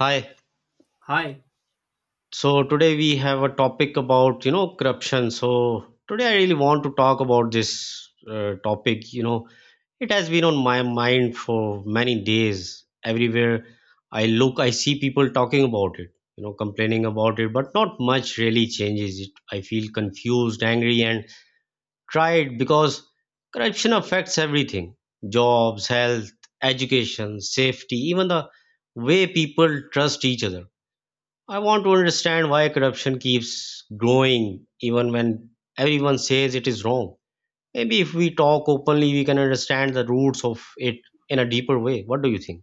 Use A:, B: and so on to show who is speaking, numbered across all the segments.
A: Hi.
B: Hi.
A: So today we have a topic about, corruption. So today I really want to talk about this topic. It has been on my mind for many days. Everywhere I look, I see people talking about it, complaining about it, but not much really changes it. I feel confused, angry, and tired because corruption affects everything: jobs, health, education, safety, even the way people trust each other. I want to understand why corruption keeps growing even when everyone says it is wrong. Maybe if we talk openly, we can understand the roots of it in a deeper way. What do you think?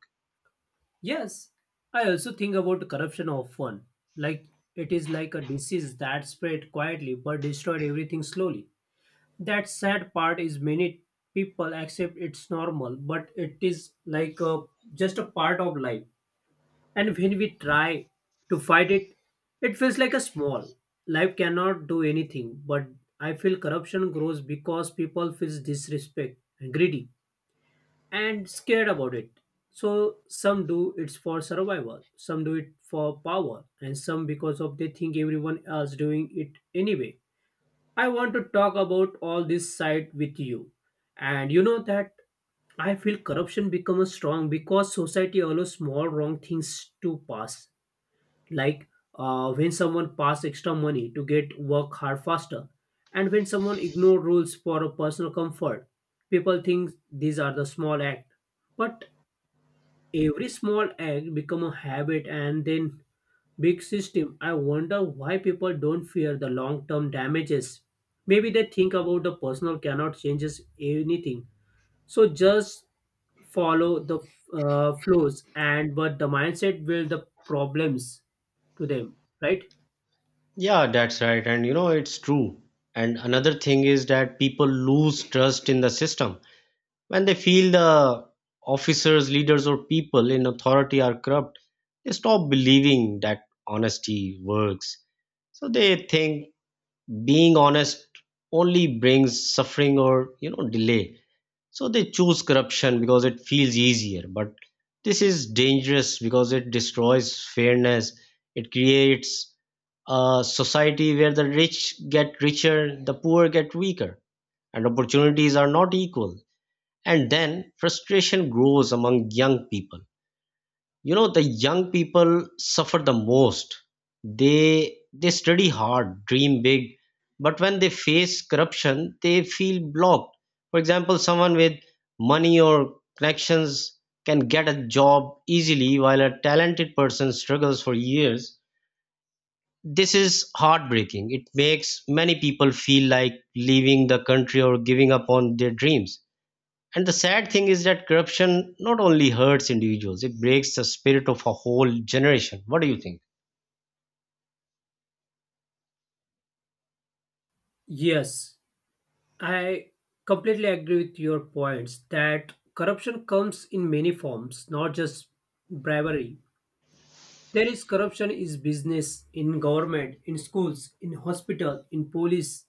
B: Yes, I also think about corruption often. Like it is like a disease that spread quietly but destroyed everything slowly. That sad part is many people accept it's normal, but it is like just a part of life. And when we try to fight it, it feels like a small. Life cannot do anything, but I feel corruption grows because people feel disrespect and greedy. And scared about it. So some do it for survival, some do it for power, and some because of they think everyone else doing it anyway. I want to talk about all this side with you. And you know that I feel corruption becomes strong because society allows small wrong things to pass like when someone passed extra money to get work hard faster, and when someone ignored rules for a personal comfort. People think these are the small act, but every small act become a habit, and then big system. I wonder why people don't fear the long term damages. Maybe they think about the personal cannot changes anything, so just follow the flows and but the mindset will the problems to them, right?
A: Yeah, that's right. And it's true. And another thing is that people lose trust in the system. When they feel the officers, leaders, or people in authority are corrupt, they stop believing that honesty works. So they think being honest only brings suffering or, delay. So they choose corruption because it feels easier, but this is dangerous because it destroys fairness. It creates a society where the rich get richer, the poor get weaker, and opportunities are not equal. And then frustration grows among young people. The young people suffer the most. They study hard, dream big, but when they face corruption they feel blocked. For example, someone with money or connections can get a job easily, while a talented person struggles for years. This is heartbreaking. It makes many people feel like leaving the country or giving up on their dreams. And the sad thing is that corruption not only hurts individuals, it breaks the spirit of a whole generation. What do you think?
B: Yes, I completely agree with your points that corruption comes in many forms, not just bribery. There is corruption is business in government, in schools, in hospital, in police,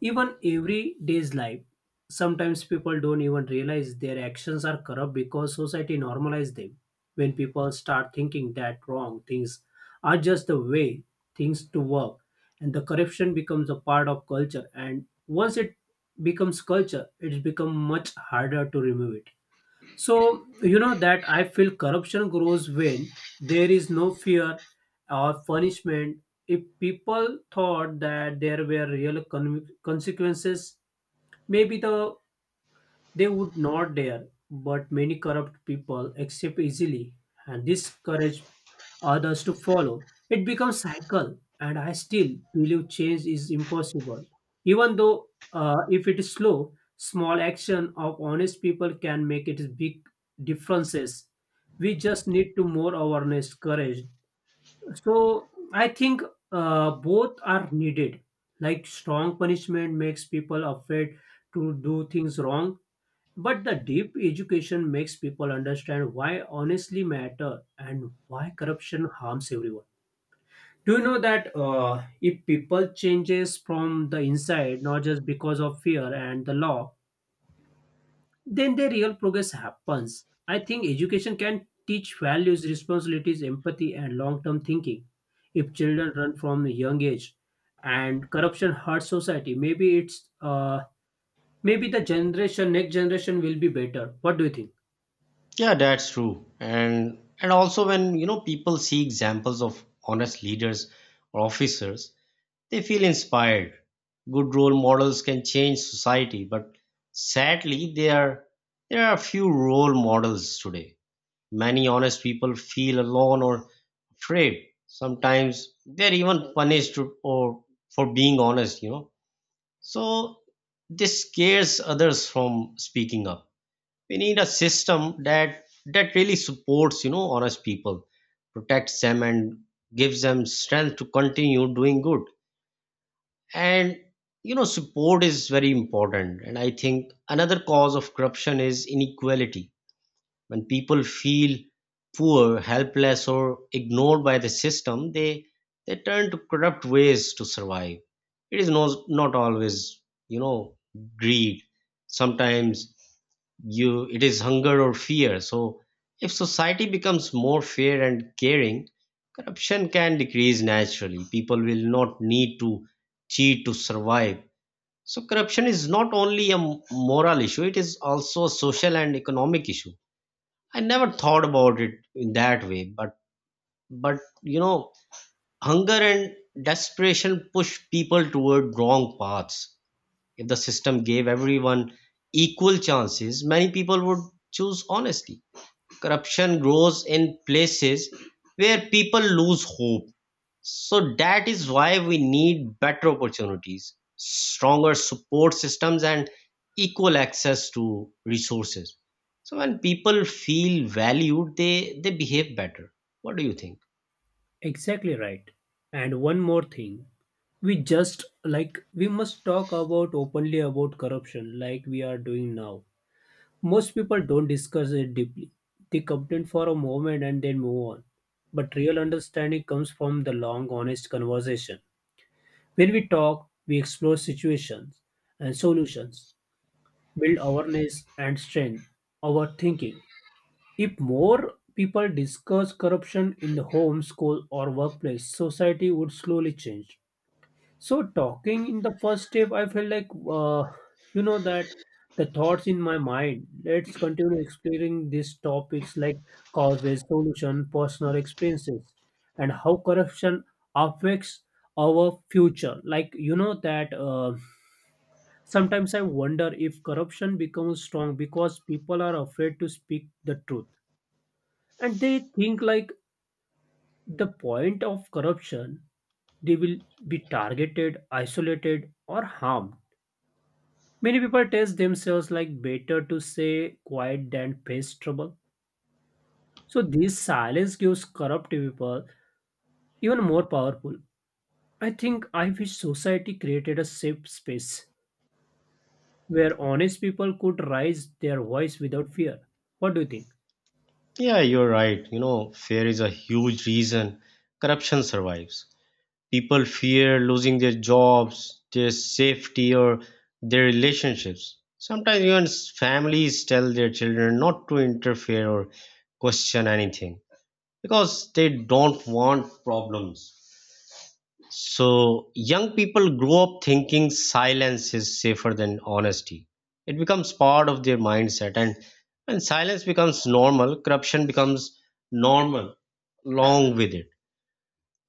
B: even every day's life. Sometimes people don't even realize their actions are corrupt because society normalizes them. When people start thinking that wrong things are just the way things to work, and the corruption becomes a part of culture, and once it becomes culture, it's become much harder to remove it. So, you know that I feel corruption grows when there is no fear or punishment. If people thought that there were real consequences, maybe they would not dare, but many corrupt people accept easily and discourage others to follow. It becomes cycle, and I still believe change is impossible. Even though if it is slow, small action of honest people can make it big differences. We just need to more awareness, courage. So I think, both are needed. Like strong punishment makes people afraid to do things wrong, but the deep education makes people understand why honestly matter and why corruption harms everyone. Do you know that if people changes from the inside, not just because of fear and the law, then the real progress happens. I think education can teach values, responsibilities, empathy, and long-term thinking. If children run from a young age, and corruption hurts society, maybe the generation next generation will be better. What do you think?
A: Yeah, that's true. And also, when people see examples of honest leaders or officers, they feel inspired. Good role models can change society, but sadly there are few role models today. Many honest people feel alone or afraid. Sometimes they're even punished, or for being honest. So this scares others from speaking up. We need a system that really supports, honest people, protects them, and gives them strength to continue doing good. And support is very important. And I think another cause of corruption is inequality. When people feel poor, helpless, or ignored by the system, they turn to corrupt ways to survive. It is no, not always, you know, greed. Sometimes you it is hunger or fear. So if society becomes more fair and caring, corruption can decrease naturally. People will not need to cheat to survive. So corruption is not only a moral issue; it is also a social and economic issue. I never thought about it in that way, but but you know, hunger and desperation push people toward wrong paths. If the system gave everyone equal chances, many people would choose honesty. Corruption grows in places where people lose hope. So that is why we need better opportunities, stronger support systems, and equal access to resources. So when people feel valued, they behave better. What do you think?
B: Exactly right. And one more thing, we just like we must talk about openly about corruption like we are doing now. Most people don't discuss it deeply. They complain for a moment and then move on. But real understanding comes from the long, honest conversation. When we talk, we explore situations and solutions, build awareness and strength our thinking. If more people discuss corruption in the home, school, or workplace, society would slowly change. So, talking in the first step, I felt like, that the thoughts in my mind. Let's continue exploring these topics like causes, solution, personal experiences, and how corruption affects our future. Like, you know, that sometimes I wonder if corruption becomes strong because people are afraid to speak the truth, and they think like the point of corruption they will be targeted isolated or harmed. Many people test themselves like better to say quiet than face trouble, so this silence gives corrupt people even more powerful. I think I wish society created a safe space where honest people could raise their voice without fear. What do you think?
A: Yeah, you're right. Fear is a huge reason corruption survives. People fear losing their jobs, their safety, or their relationships. Sometimes even families tell their children not to interfere or question anything, because they don't want problems. So young people grow up thinking silence is safer than honesty. It becomes part of their mindset, and when silence becomes normal, corruption becomes normal along with it.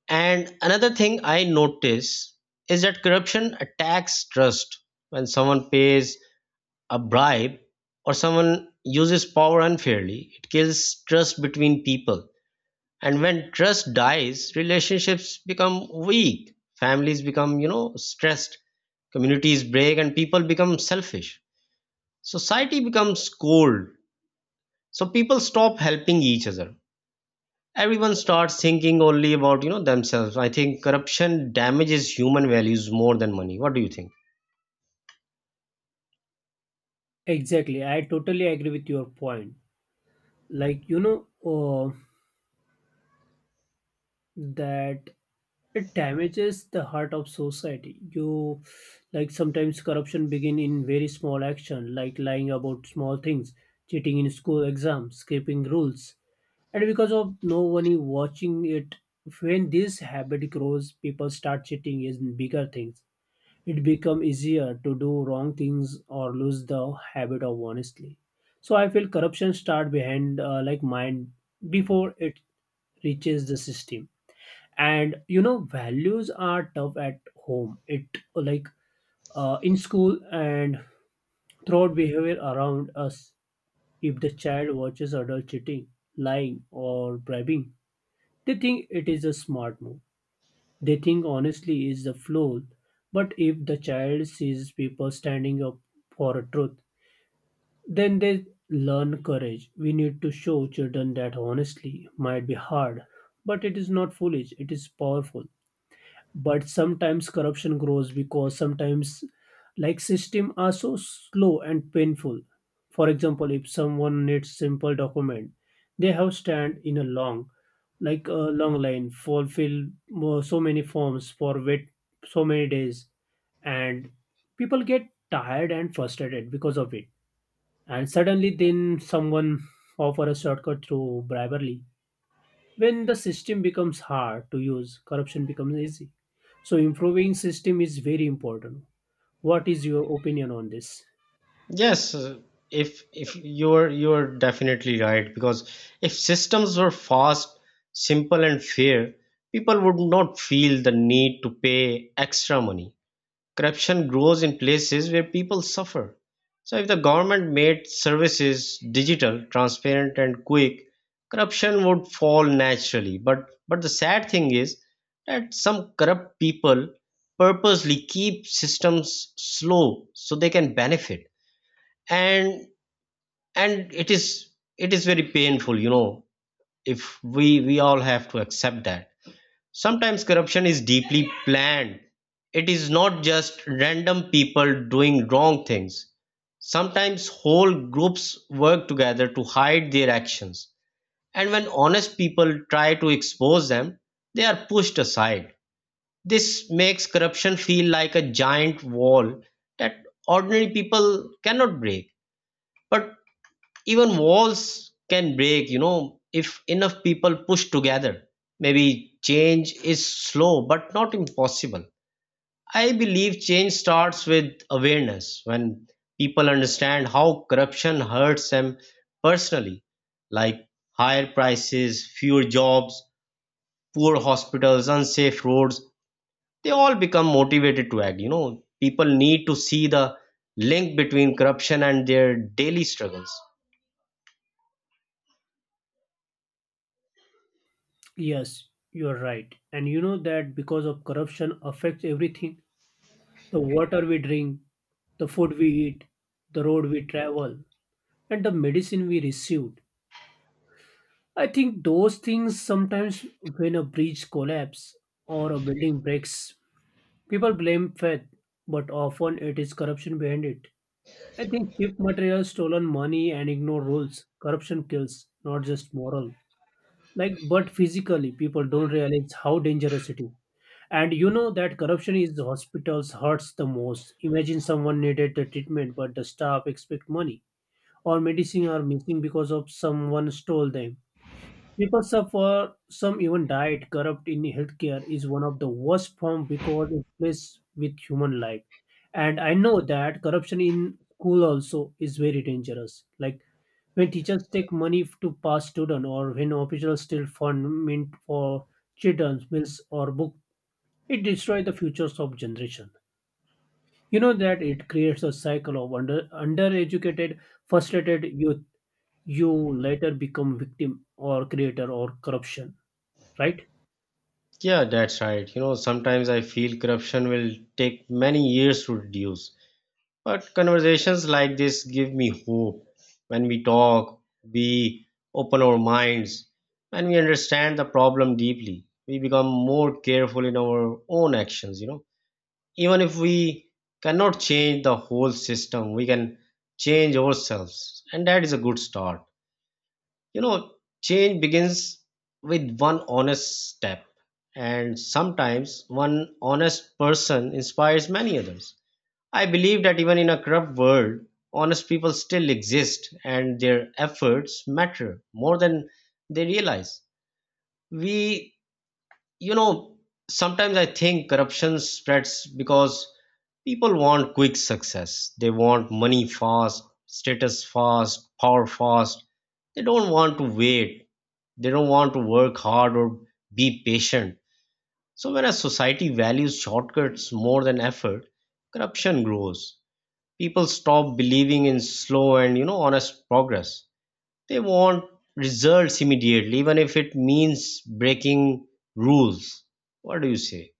A: And another thing I notice is that corruption attacks trust. When someone pays a bribe, or someone uses power unfairly, it kills trust between people. And when trust dies, relationships become weak, families become, stressed, communities break, and people become selfish. Society becomes cold, so people stop helping each other. Everyone starts thinking only about, themselves. I think corruption damages human values more than money. What do you think?
B: Exactly, I totally agree with your point. Like uh, that it damages the heart of society. You Like sometimes corruption begin in very small action, like lying about small things, cheating in school exams, skipping rules, and because of no one is watching it, when this habit grows, people start cheating in bigger things. It become easier to do wrong things or lose the habit of honestly. So I feel corruption start behind, like mind before it reaches the system. And you know values are tough at home. It like In school and throughout behavior around us, if the child watches adult cheating, lying or bribing, they think it is a smart move. They think honestly is the flaw, but if the child sees people standing up for a truth, then they learn courage. We need to show children that honestly might be hard, but it is not foolish, it is powerful. But sometimes corruption grows because sometimes like system are so slow and painful. For example, if someone needs simple document, they have stand in a long, like a long line, fulfill more, so many forms for wait so many days, and people get tired and frustrated because of it. And suddenly then someone offer a shortcut through bribery. When the system becomes hard to use, corruption becomes easy. So improving system is very important. What is your opinion on this?
A: Yes, if you're definitely right, because if systems were fast, simple, and fair, people would not feel the need to pay extra money. Corruption grows in places where people suffer. So if the government made services digital, transparent, and quick, corruption would fall naturally. But the sad thing is that some corrupt people purposely keep systems slow so they can benefit. And and it is very painful. If we all have to accept that sometimes corruption is deeply planned, it is not just random people doing wrong things. Sometimes whole groups work together to hide their actions, and when honest people try to expose them, they are pushed aside. This makes corruption feel like a giant wall that ordinary people cannot break. But even walls can break, if enough people push together. Maybe change is slow, but not impossible. I believe change starts with awareness. When people understand how corruption hurts them personally, like higher prices, fewer jobs, poor hospitals, unsafe roads, they all become motivated to act. People need to see the link between corruption and their daily struggles.
B: Yes, you are right. And you know that because of corruption affects everything. The water we drink, the food we eat, the road we travel, and the medicine we received. I think those things sometimes when a bridge collapse or a building breaks, people blame faith, but often it is corruption behind it. I think cheap materials, stolen money, and ignored rules. Corruption kills, not just moral. Like, but physically, people don't realize how dangerous it is. And you know that corruption is the hospitals hurts the most. Imagine someone needed the treatment, but the staff expect money, or medicine are missing because of someone stole them. People suffer, some even died. Corrupt in healthcare is one of the worst form because it plays with human life. And I know that corruption in school also is very dangerous. Like when teachers take money to pass student or when officials steal fund meant for children's meals or book, it destroys the futures of generation. You know that it creates a cycle of undereducated, frustrated youth. You later become victim or creator or corruption, right?
A: Yeah, that's right. Sometimes I feel corruption will take many years to reduce. But conversations like this give me hope. When we talk, we open our minds, and we understand the problem deeply. We become more careful in our own actions. Even if we cannot change the whole system, we can change ourselves. And that is a good start. You know, change begins with one honest step, and sometimes one honest person inspires many others. I believe that even in a corrupt world, honest people still exist and their efforts matter more than they realize. We you know Sometimes I think corruption spreads because people want quick success. They want money fast, status fast, power fast. They don't want to wait. They don't want to work hard or be patient. So when a society values shortcuts more than effort, corruption grows. People stop believing in slow and, honest progress. They want results immediately, even if it means breaking rules. What do you say?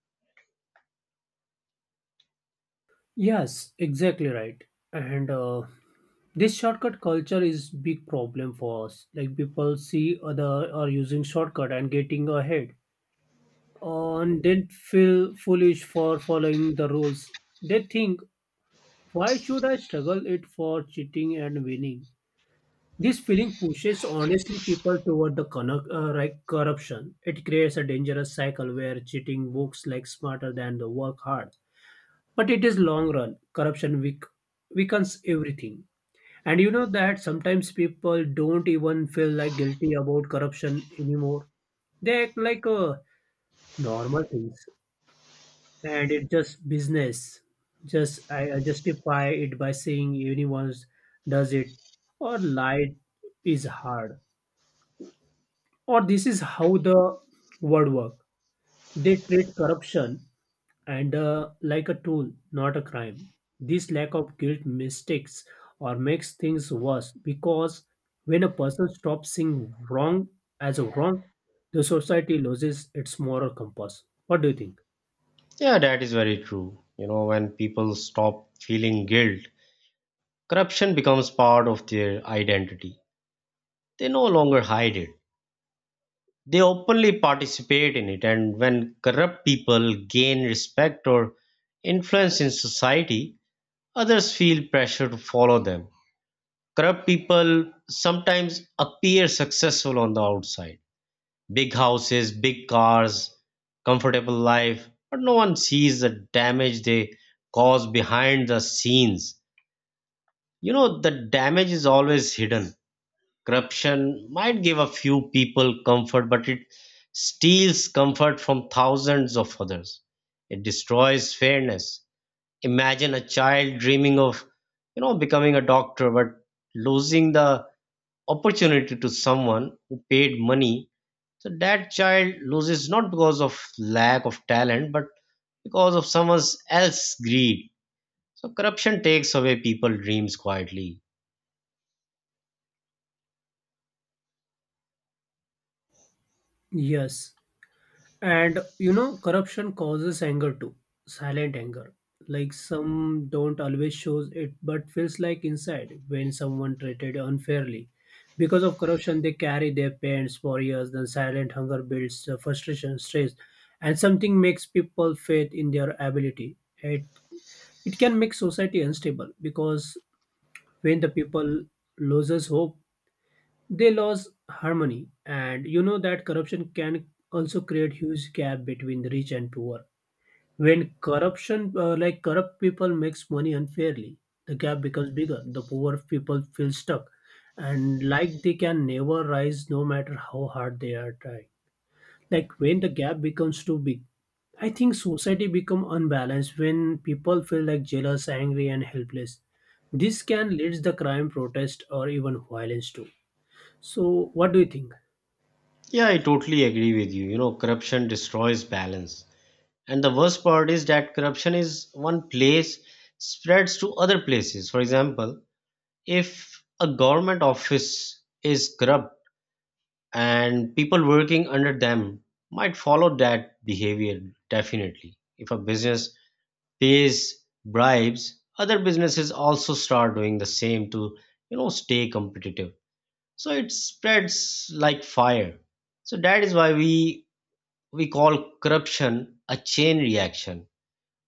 B: Yes, exactly right. And this shortcut culture is big problem for us. Like people see other are using shortcut and getting ahead, and then feel foolish for following the rules. They think, why should I struggle it for cheating and winning? This feeling pushes honestly people toward the right corruption. It creates a dangerous cycle where cheating looks like smarter than the work hard, but it is long run corruption weakens everything. And you know that sometimes people don't even feel like guilty about corruption anymore. They act like normal things, and it just business. Just I justify it by saying anyone does it, or lie is hard, or this is how the world work. They treat corruption and like a tool, not a crime. This lack of guilt mistakes or makes things worse because when a person stops seeing wrong as a wrong, the society loses its moral compass. What do you think?
A: Yeah, that is very true. When people stop feeling guilt, corruption becomes part of their identity. They no longer hide it, they openly participate in it. And when corrupt people gain respect or influence in society, others feel pressure to follow them. Corrupt people sometimes appear successful on the outside: big houses, big cars, comfortable life, but no one sees the damage they cause behind the scenes. The damage is always hidden. Corruption might give a few people comfort, but it steals comfort from thousands of others. It destroys fairness. Imagine a child dreaming of, becoming a doctor, but losing the opportunity to someone who paid money. So that child loses, not because of lack of talent, but because of someone else's greed. So corruption takes away people's dreams quietly.
B: Yes. And you know, corruption causes anger too, silent anger. Like some don't always shows it, but feels like inside when someone treated unfairly. Because of corruption, they carry their pains for years. Then silent hunger builds frustration, stress, and something makes people faith in their ability. It can make society unstable because when the people loses hope, they lose harmony. And you know that corruption can also create huge gap between the rich and poor. When corruption, like corrupt people, makes money unfairly, the gap becomes bigger. The poor people feel stuck, and like they can never rise, no matter how hard they are trying. Like when the gap becomes too big, I think society become unbalanced when people feel like jealous, angry, and helpless. This can lead the crime, protest, or even violence too. So, what do you think?
A: Yeah, I totally agree with you. Corruption destroys balance. And the worst part is that corruption is one place spreads to other places. For example, if a government office is corrupt, and people working under them might follow that behavior definitely. If a business pays bribes, other businesses also start doing the same to, stay competitive. So it spreads like fire. So that is why we call corruption a chain reaction.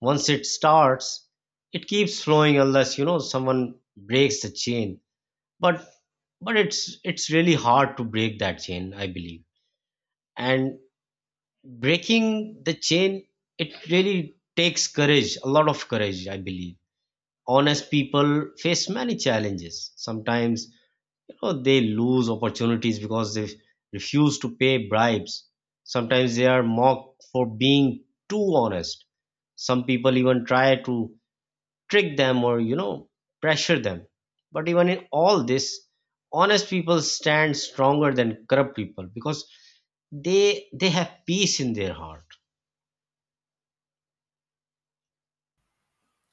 A: Once it starts, it keeps flowing unless, someone breaks the chain. But but it's, really hard to break that chain, I believe. And breaking the chain it really takes courage, a lot of courage, I believe. Honest people face many challenges. Sometimes, they lose opportunities because they refuse to pay bribes. Sometimes they are mocked for being too honest. Some people even try to trick them, or, pressure them. But even in all this, honest people stand stronger than corrupt people because they have peace in their heart.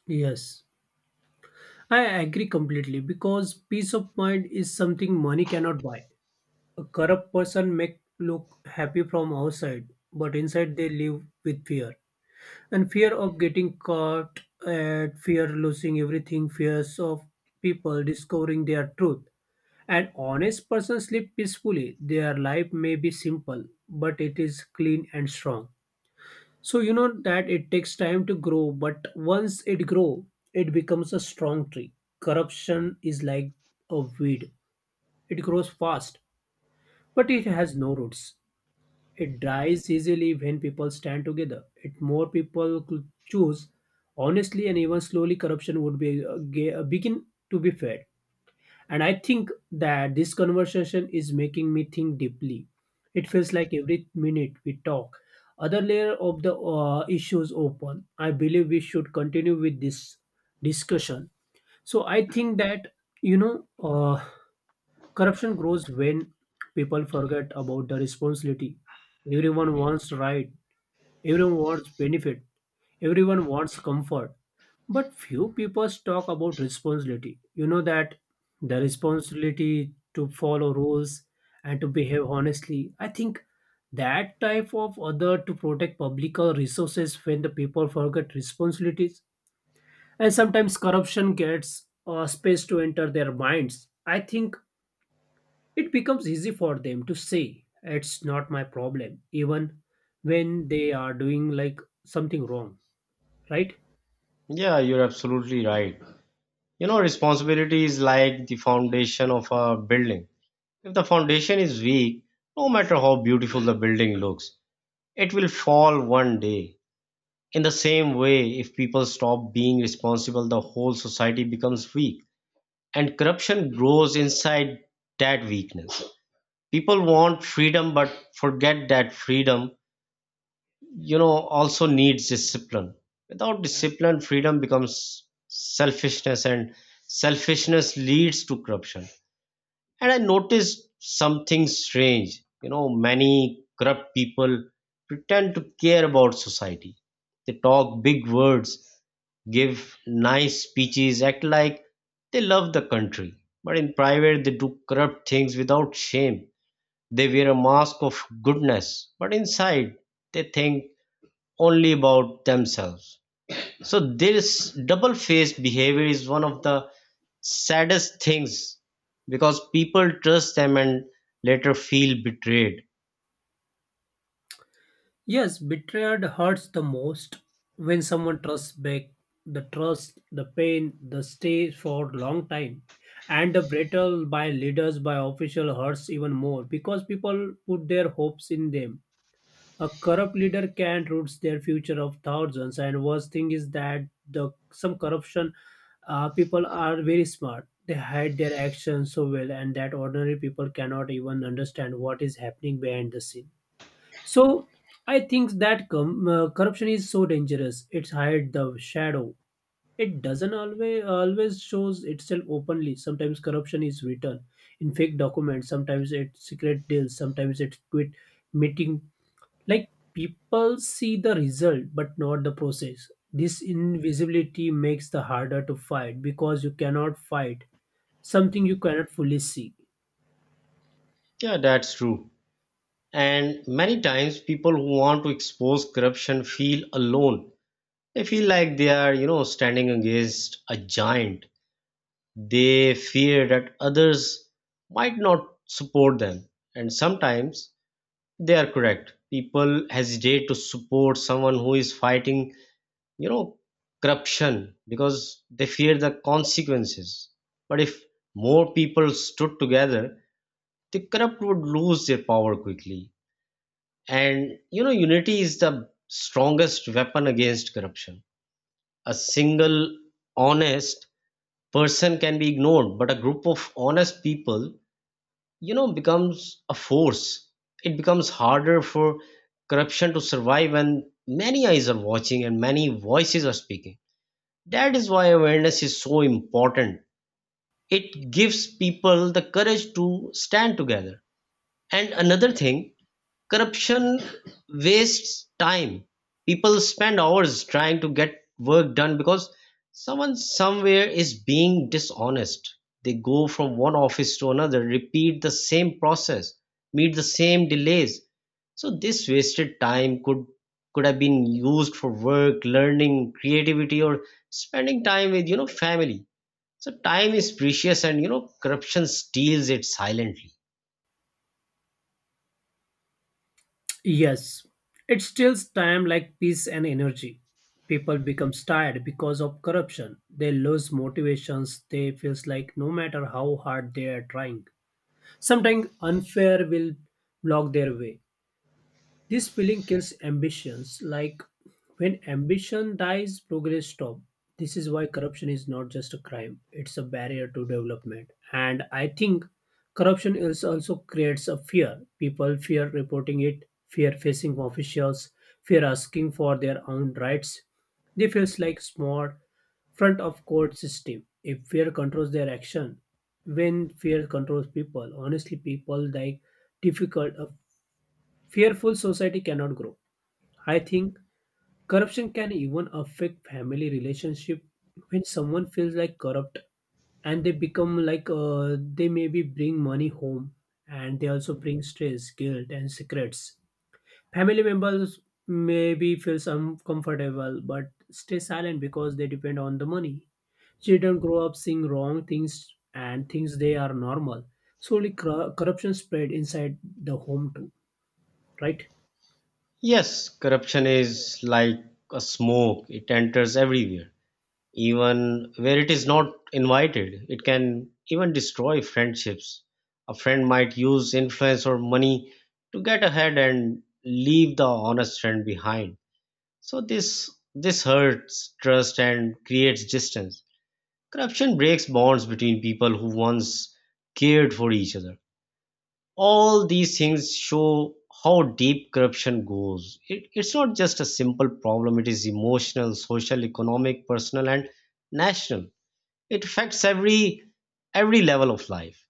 B: Yes, I agree completely because peace of mind is something money cannot buy. A corrupt person may look happy from outside, but inside they live with fear. And fear of getting caught, and fear losing everything, fears of people discovering their truth. An honest person sleep peacefully. Their life may be simple, but it is clean and strong. So you know that it takes time to grow, but once it grow, it becomes a strong tree. Corruption is like a weed. It grows fast, but it has no roots. It dies easily when people stand together. If more people could choose honestly and even slowly, corruption would be begin to be fed. And I think that this conversation is making me think deeply. It feels like every minute we talk, other layer of the issues open. I believe we should continue with this discussion. So I think that you know, uh, corruption grows when people forget about the responsibility. Everyone wants right, everyone wants benefit, everyone wants comfort, but few people talk about responsibility. You know that the responsibility to follow rules and to behave honestly. I think that type of other to protect public resources when the people forget responsibilities and sometimes corruption gets a space to enter their minds. I think it becomes easy for them to say, it's not my problem, even when they are doing like something wrong, right?
A: Yeah, you're absolutely right. Responsibility is like the foundation of a building. If the foundation is weak, no matter how beautiful the building looks, it will fall one day. In the same way, if people stop being responsible, the whole society becomes weak, and corruption grows inside that weakness. People want freedom, but forget that freedom, also needs discipline. Without discipline, freedom becomes selfishness, and selfishness leads to corruption. And I noticed something strange. Many corrupt people pretend to care about society. They talk big words, give nice speeches, act like they love the country. But in private, they do corrupt things without shame. They wear a mask of goodness, but inside, they think only about themselves. So this double-faced behavior is one of the saddest things, because people trust them and later feel betrayed.
B: Yes, betrayal hurts the most when someone trusts back the trust, the pain, the stay for long time. And the betrayal by leaders, by official hurts even more because people put their hopes in them. A corrupt leader can ruins their future of thousands. And worst thing is that the some corruption people are very smart. They hide their actions so well, and that ordinary people cannot even understand what is happening behind the scene. So I think that corruption is so dangerous. It's hide the shadow. It doesn't always shows itself openly. Sometimes corruption is written in fake documents. Sometimes it's secret deals. Sometimes it's quit meeting like people see the result but not the process. This invisibility makes the harder to fight because you cannot fight something you cannot fully see.
A: Yeah, that's true. And many times, people who want to expose corruption feel alone. They feel like they are, standing against a giant. They fear that others might not support them. And sometimes they are correct. People hesitate to support someone who is fighting you know corruption, because they fear the consequences. But if more people stood together, the corrupt would lose their power quickly. And, unity is the strongest weapon against corruption. A single honest person can be ignored, but a group of honest people, becomes a force. It becomes harder for corruption to survive when many eyes are watching and many voices are speaking. That is why awareness is so important. It gives people the courage to stand together. And another thing, corruption wastes time. People spend hours trying to get work done because someone somewhere is being dishonest. They go from one office to another, repeat the same process, meet the same delays. So this wasted time could have been used for work, learning, creativity, or spending time with, family. So time is precious, and, corruption steals it silently.
B: Yes, it steals time like peace and energy. People become tired because of corruption. They lose motivations. They feels like no matter how hard they are trying, sometimes unfair will block their way. This feeling kills ambitions. Like when ambition dies, progress stops. This is why corruption is not just a crime, it's a barrier to development. And I think corruption is also creates a fear. People fear reporting it, fear facing officials, fear asking for their own rights. They feels like small front of court system. If fear controls their action, when fear controls people, honestly people like difficult fearful society cannot grow. I think corruption can even affect family relationship when someone feels like corrupt and they become like they maybe bring money home and they also bring stress, guilt and secrets. Family members maybe feels uncomfortable but stay silent because they depend on the money. Children grow up seeing wrong things and things they are normal. Slowly corruption spread inside the home too, right?
A: Yes, corruption is like a smoke. It enters everywhere, even where it is not invited. It can even destroy friendships. A friend might use influence or money to get ahead and leave the honest friend behind. So this hurts trust and creates distance. Corruption breaks bonds between people who once cared for each other. All these things show how deep corruption goes. It's not just a simple problem, it is emotional, social, economic, personal, and national. It affects every level of life.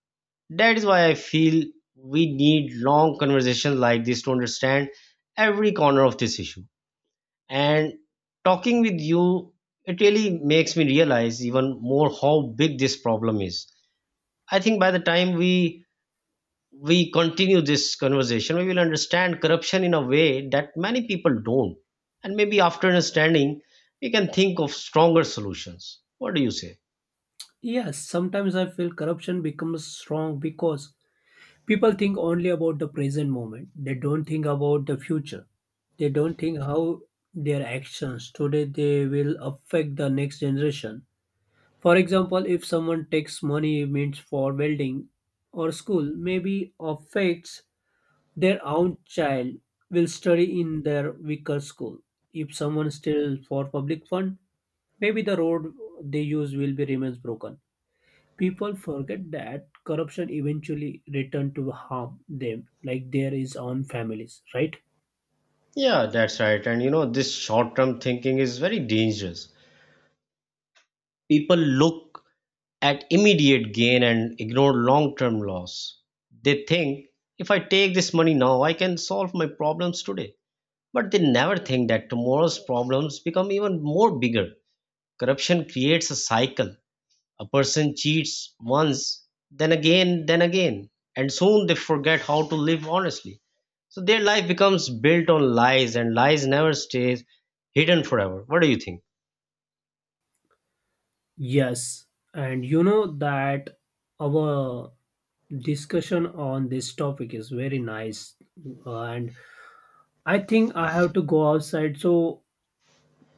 A: That is why I feel we need long conversations like this to understand every corner of this issue. And talking with you it really makes me realize even more how big this problem is. I think by the time we continue this conversation, we will understand corruption in a way that many people don't. And maybe after understanding, we can think of stronger solutions. What do you say?
B: Yes, sometimes I feel corruption becomes strong because people think only about the present moment. They don't think about the future. They don't think how their actions today they will affect the next generation. For example, if someone takes money means for welding or school, maybe affects their own child will study in their weaker school. If someone steals for public fund, maybe the road they use will be remains broken. People forget that corruption eventually return to harm them, like there is on families, right?
A: Yeah, that's right. And, this short term thinking is very dangerous. People look at immediate gain and ignore long term loss. They think, if I take this money now, I can solve my problems today. But they never think that tomorrow's problems become even more bigger. Corruption creates a cycle. A person cheats once, then again, and soon they forget how to live honestly. So their life becomes built on lies, and lies never stays hidden forever. What do you think?
B: Yes, and you know that our discussion on this topic is very nice, and I think I have to go outside. So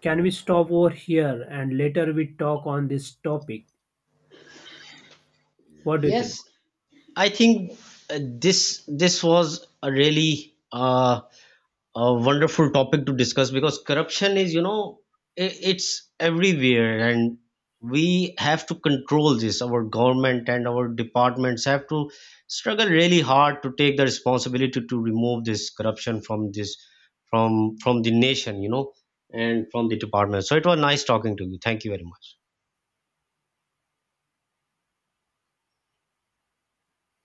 B: can we stop over here and later we talk on this topic? What do you think?
A: Yes, I think this was a really a wonderful topic to discuss, because corruption is, it's everywhere, and we have to control this. Our government and our departments have to struggle really hard to take the responsibility to remove this corruption from this from from the nation, and from the department. So it was nice talking to you. Thank you very much.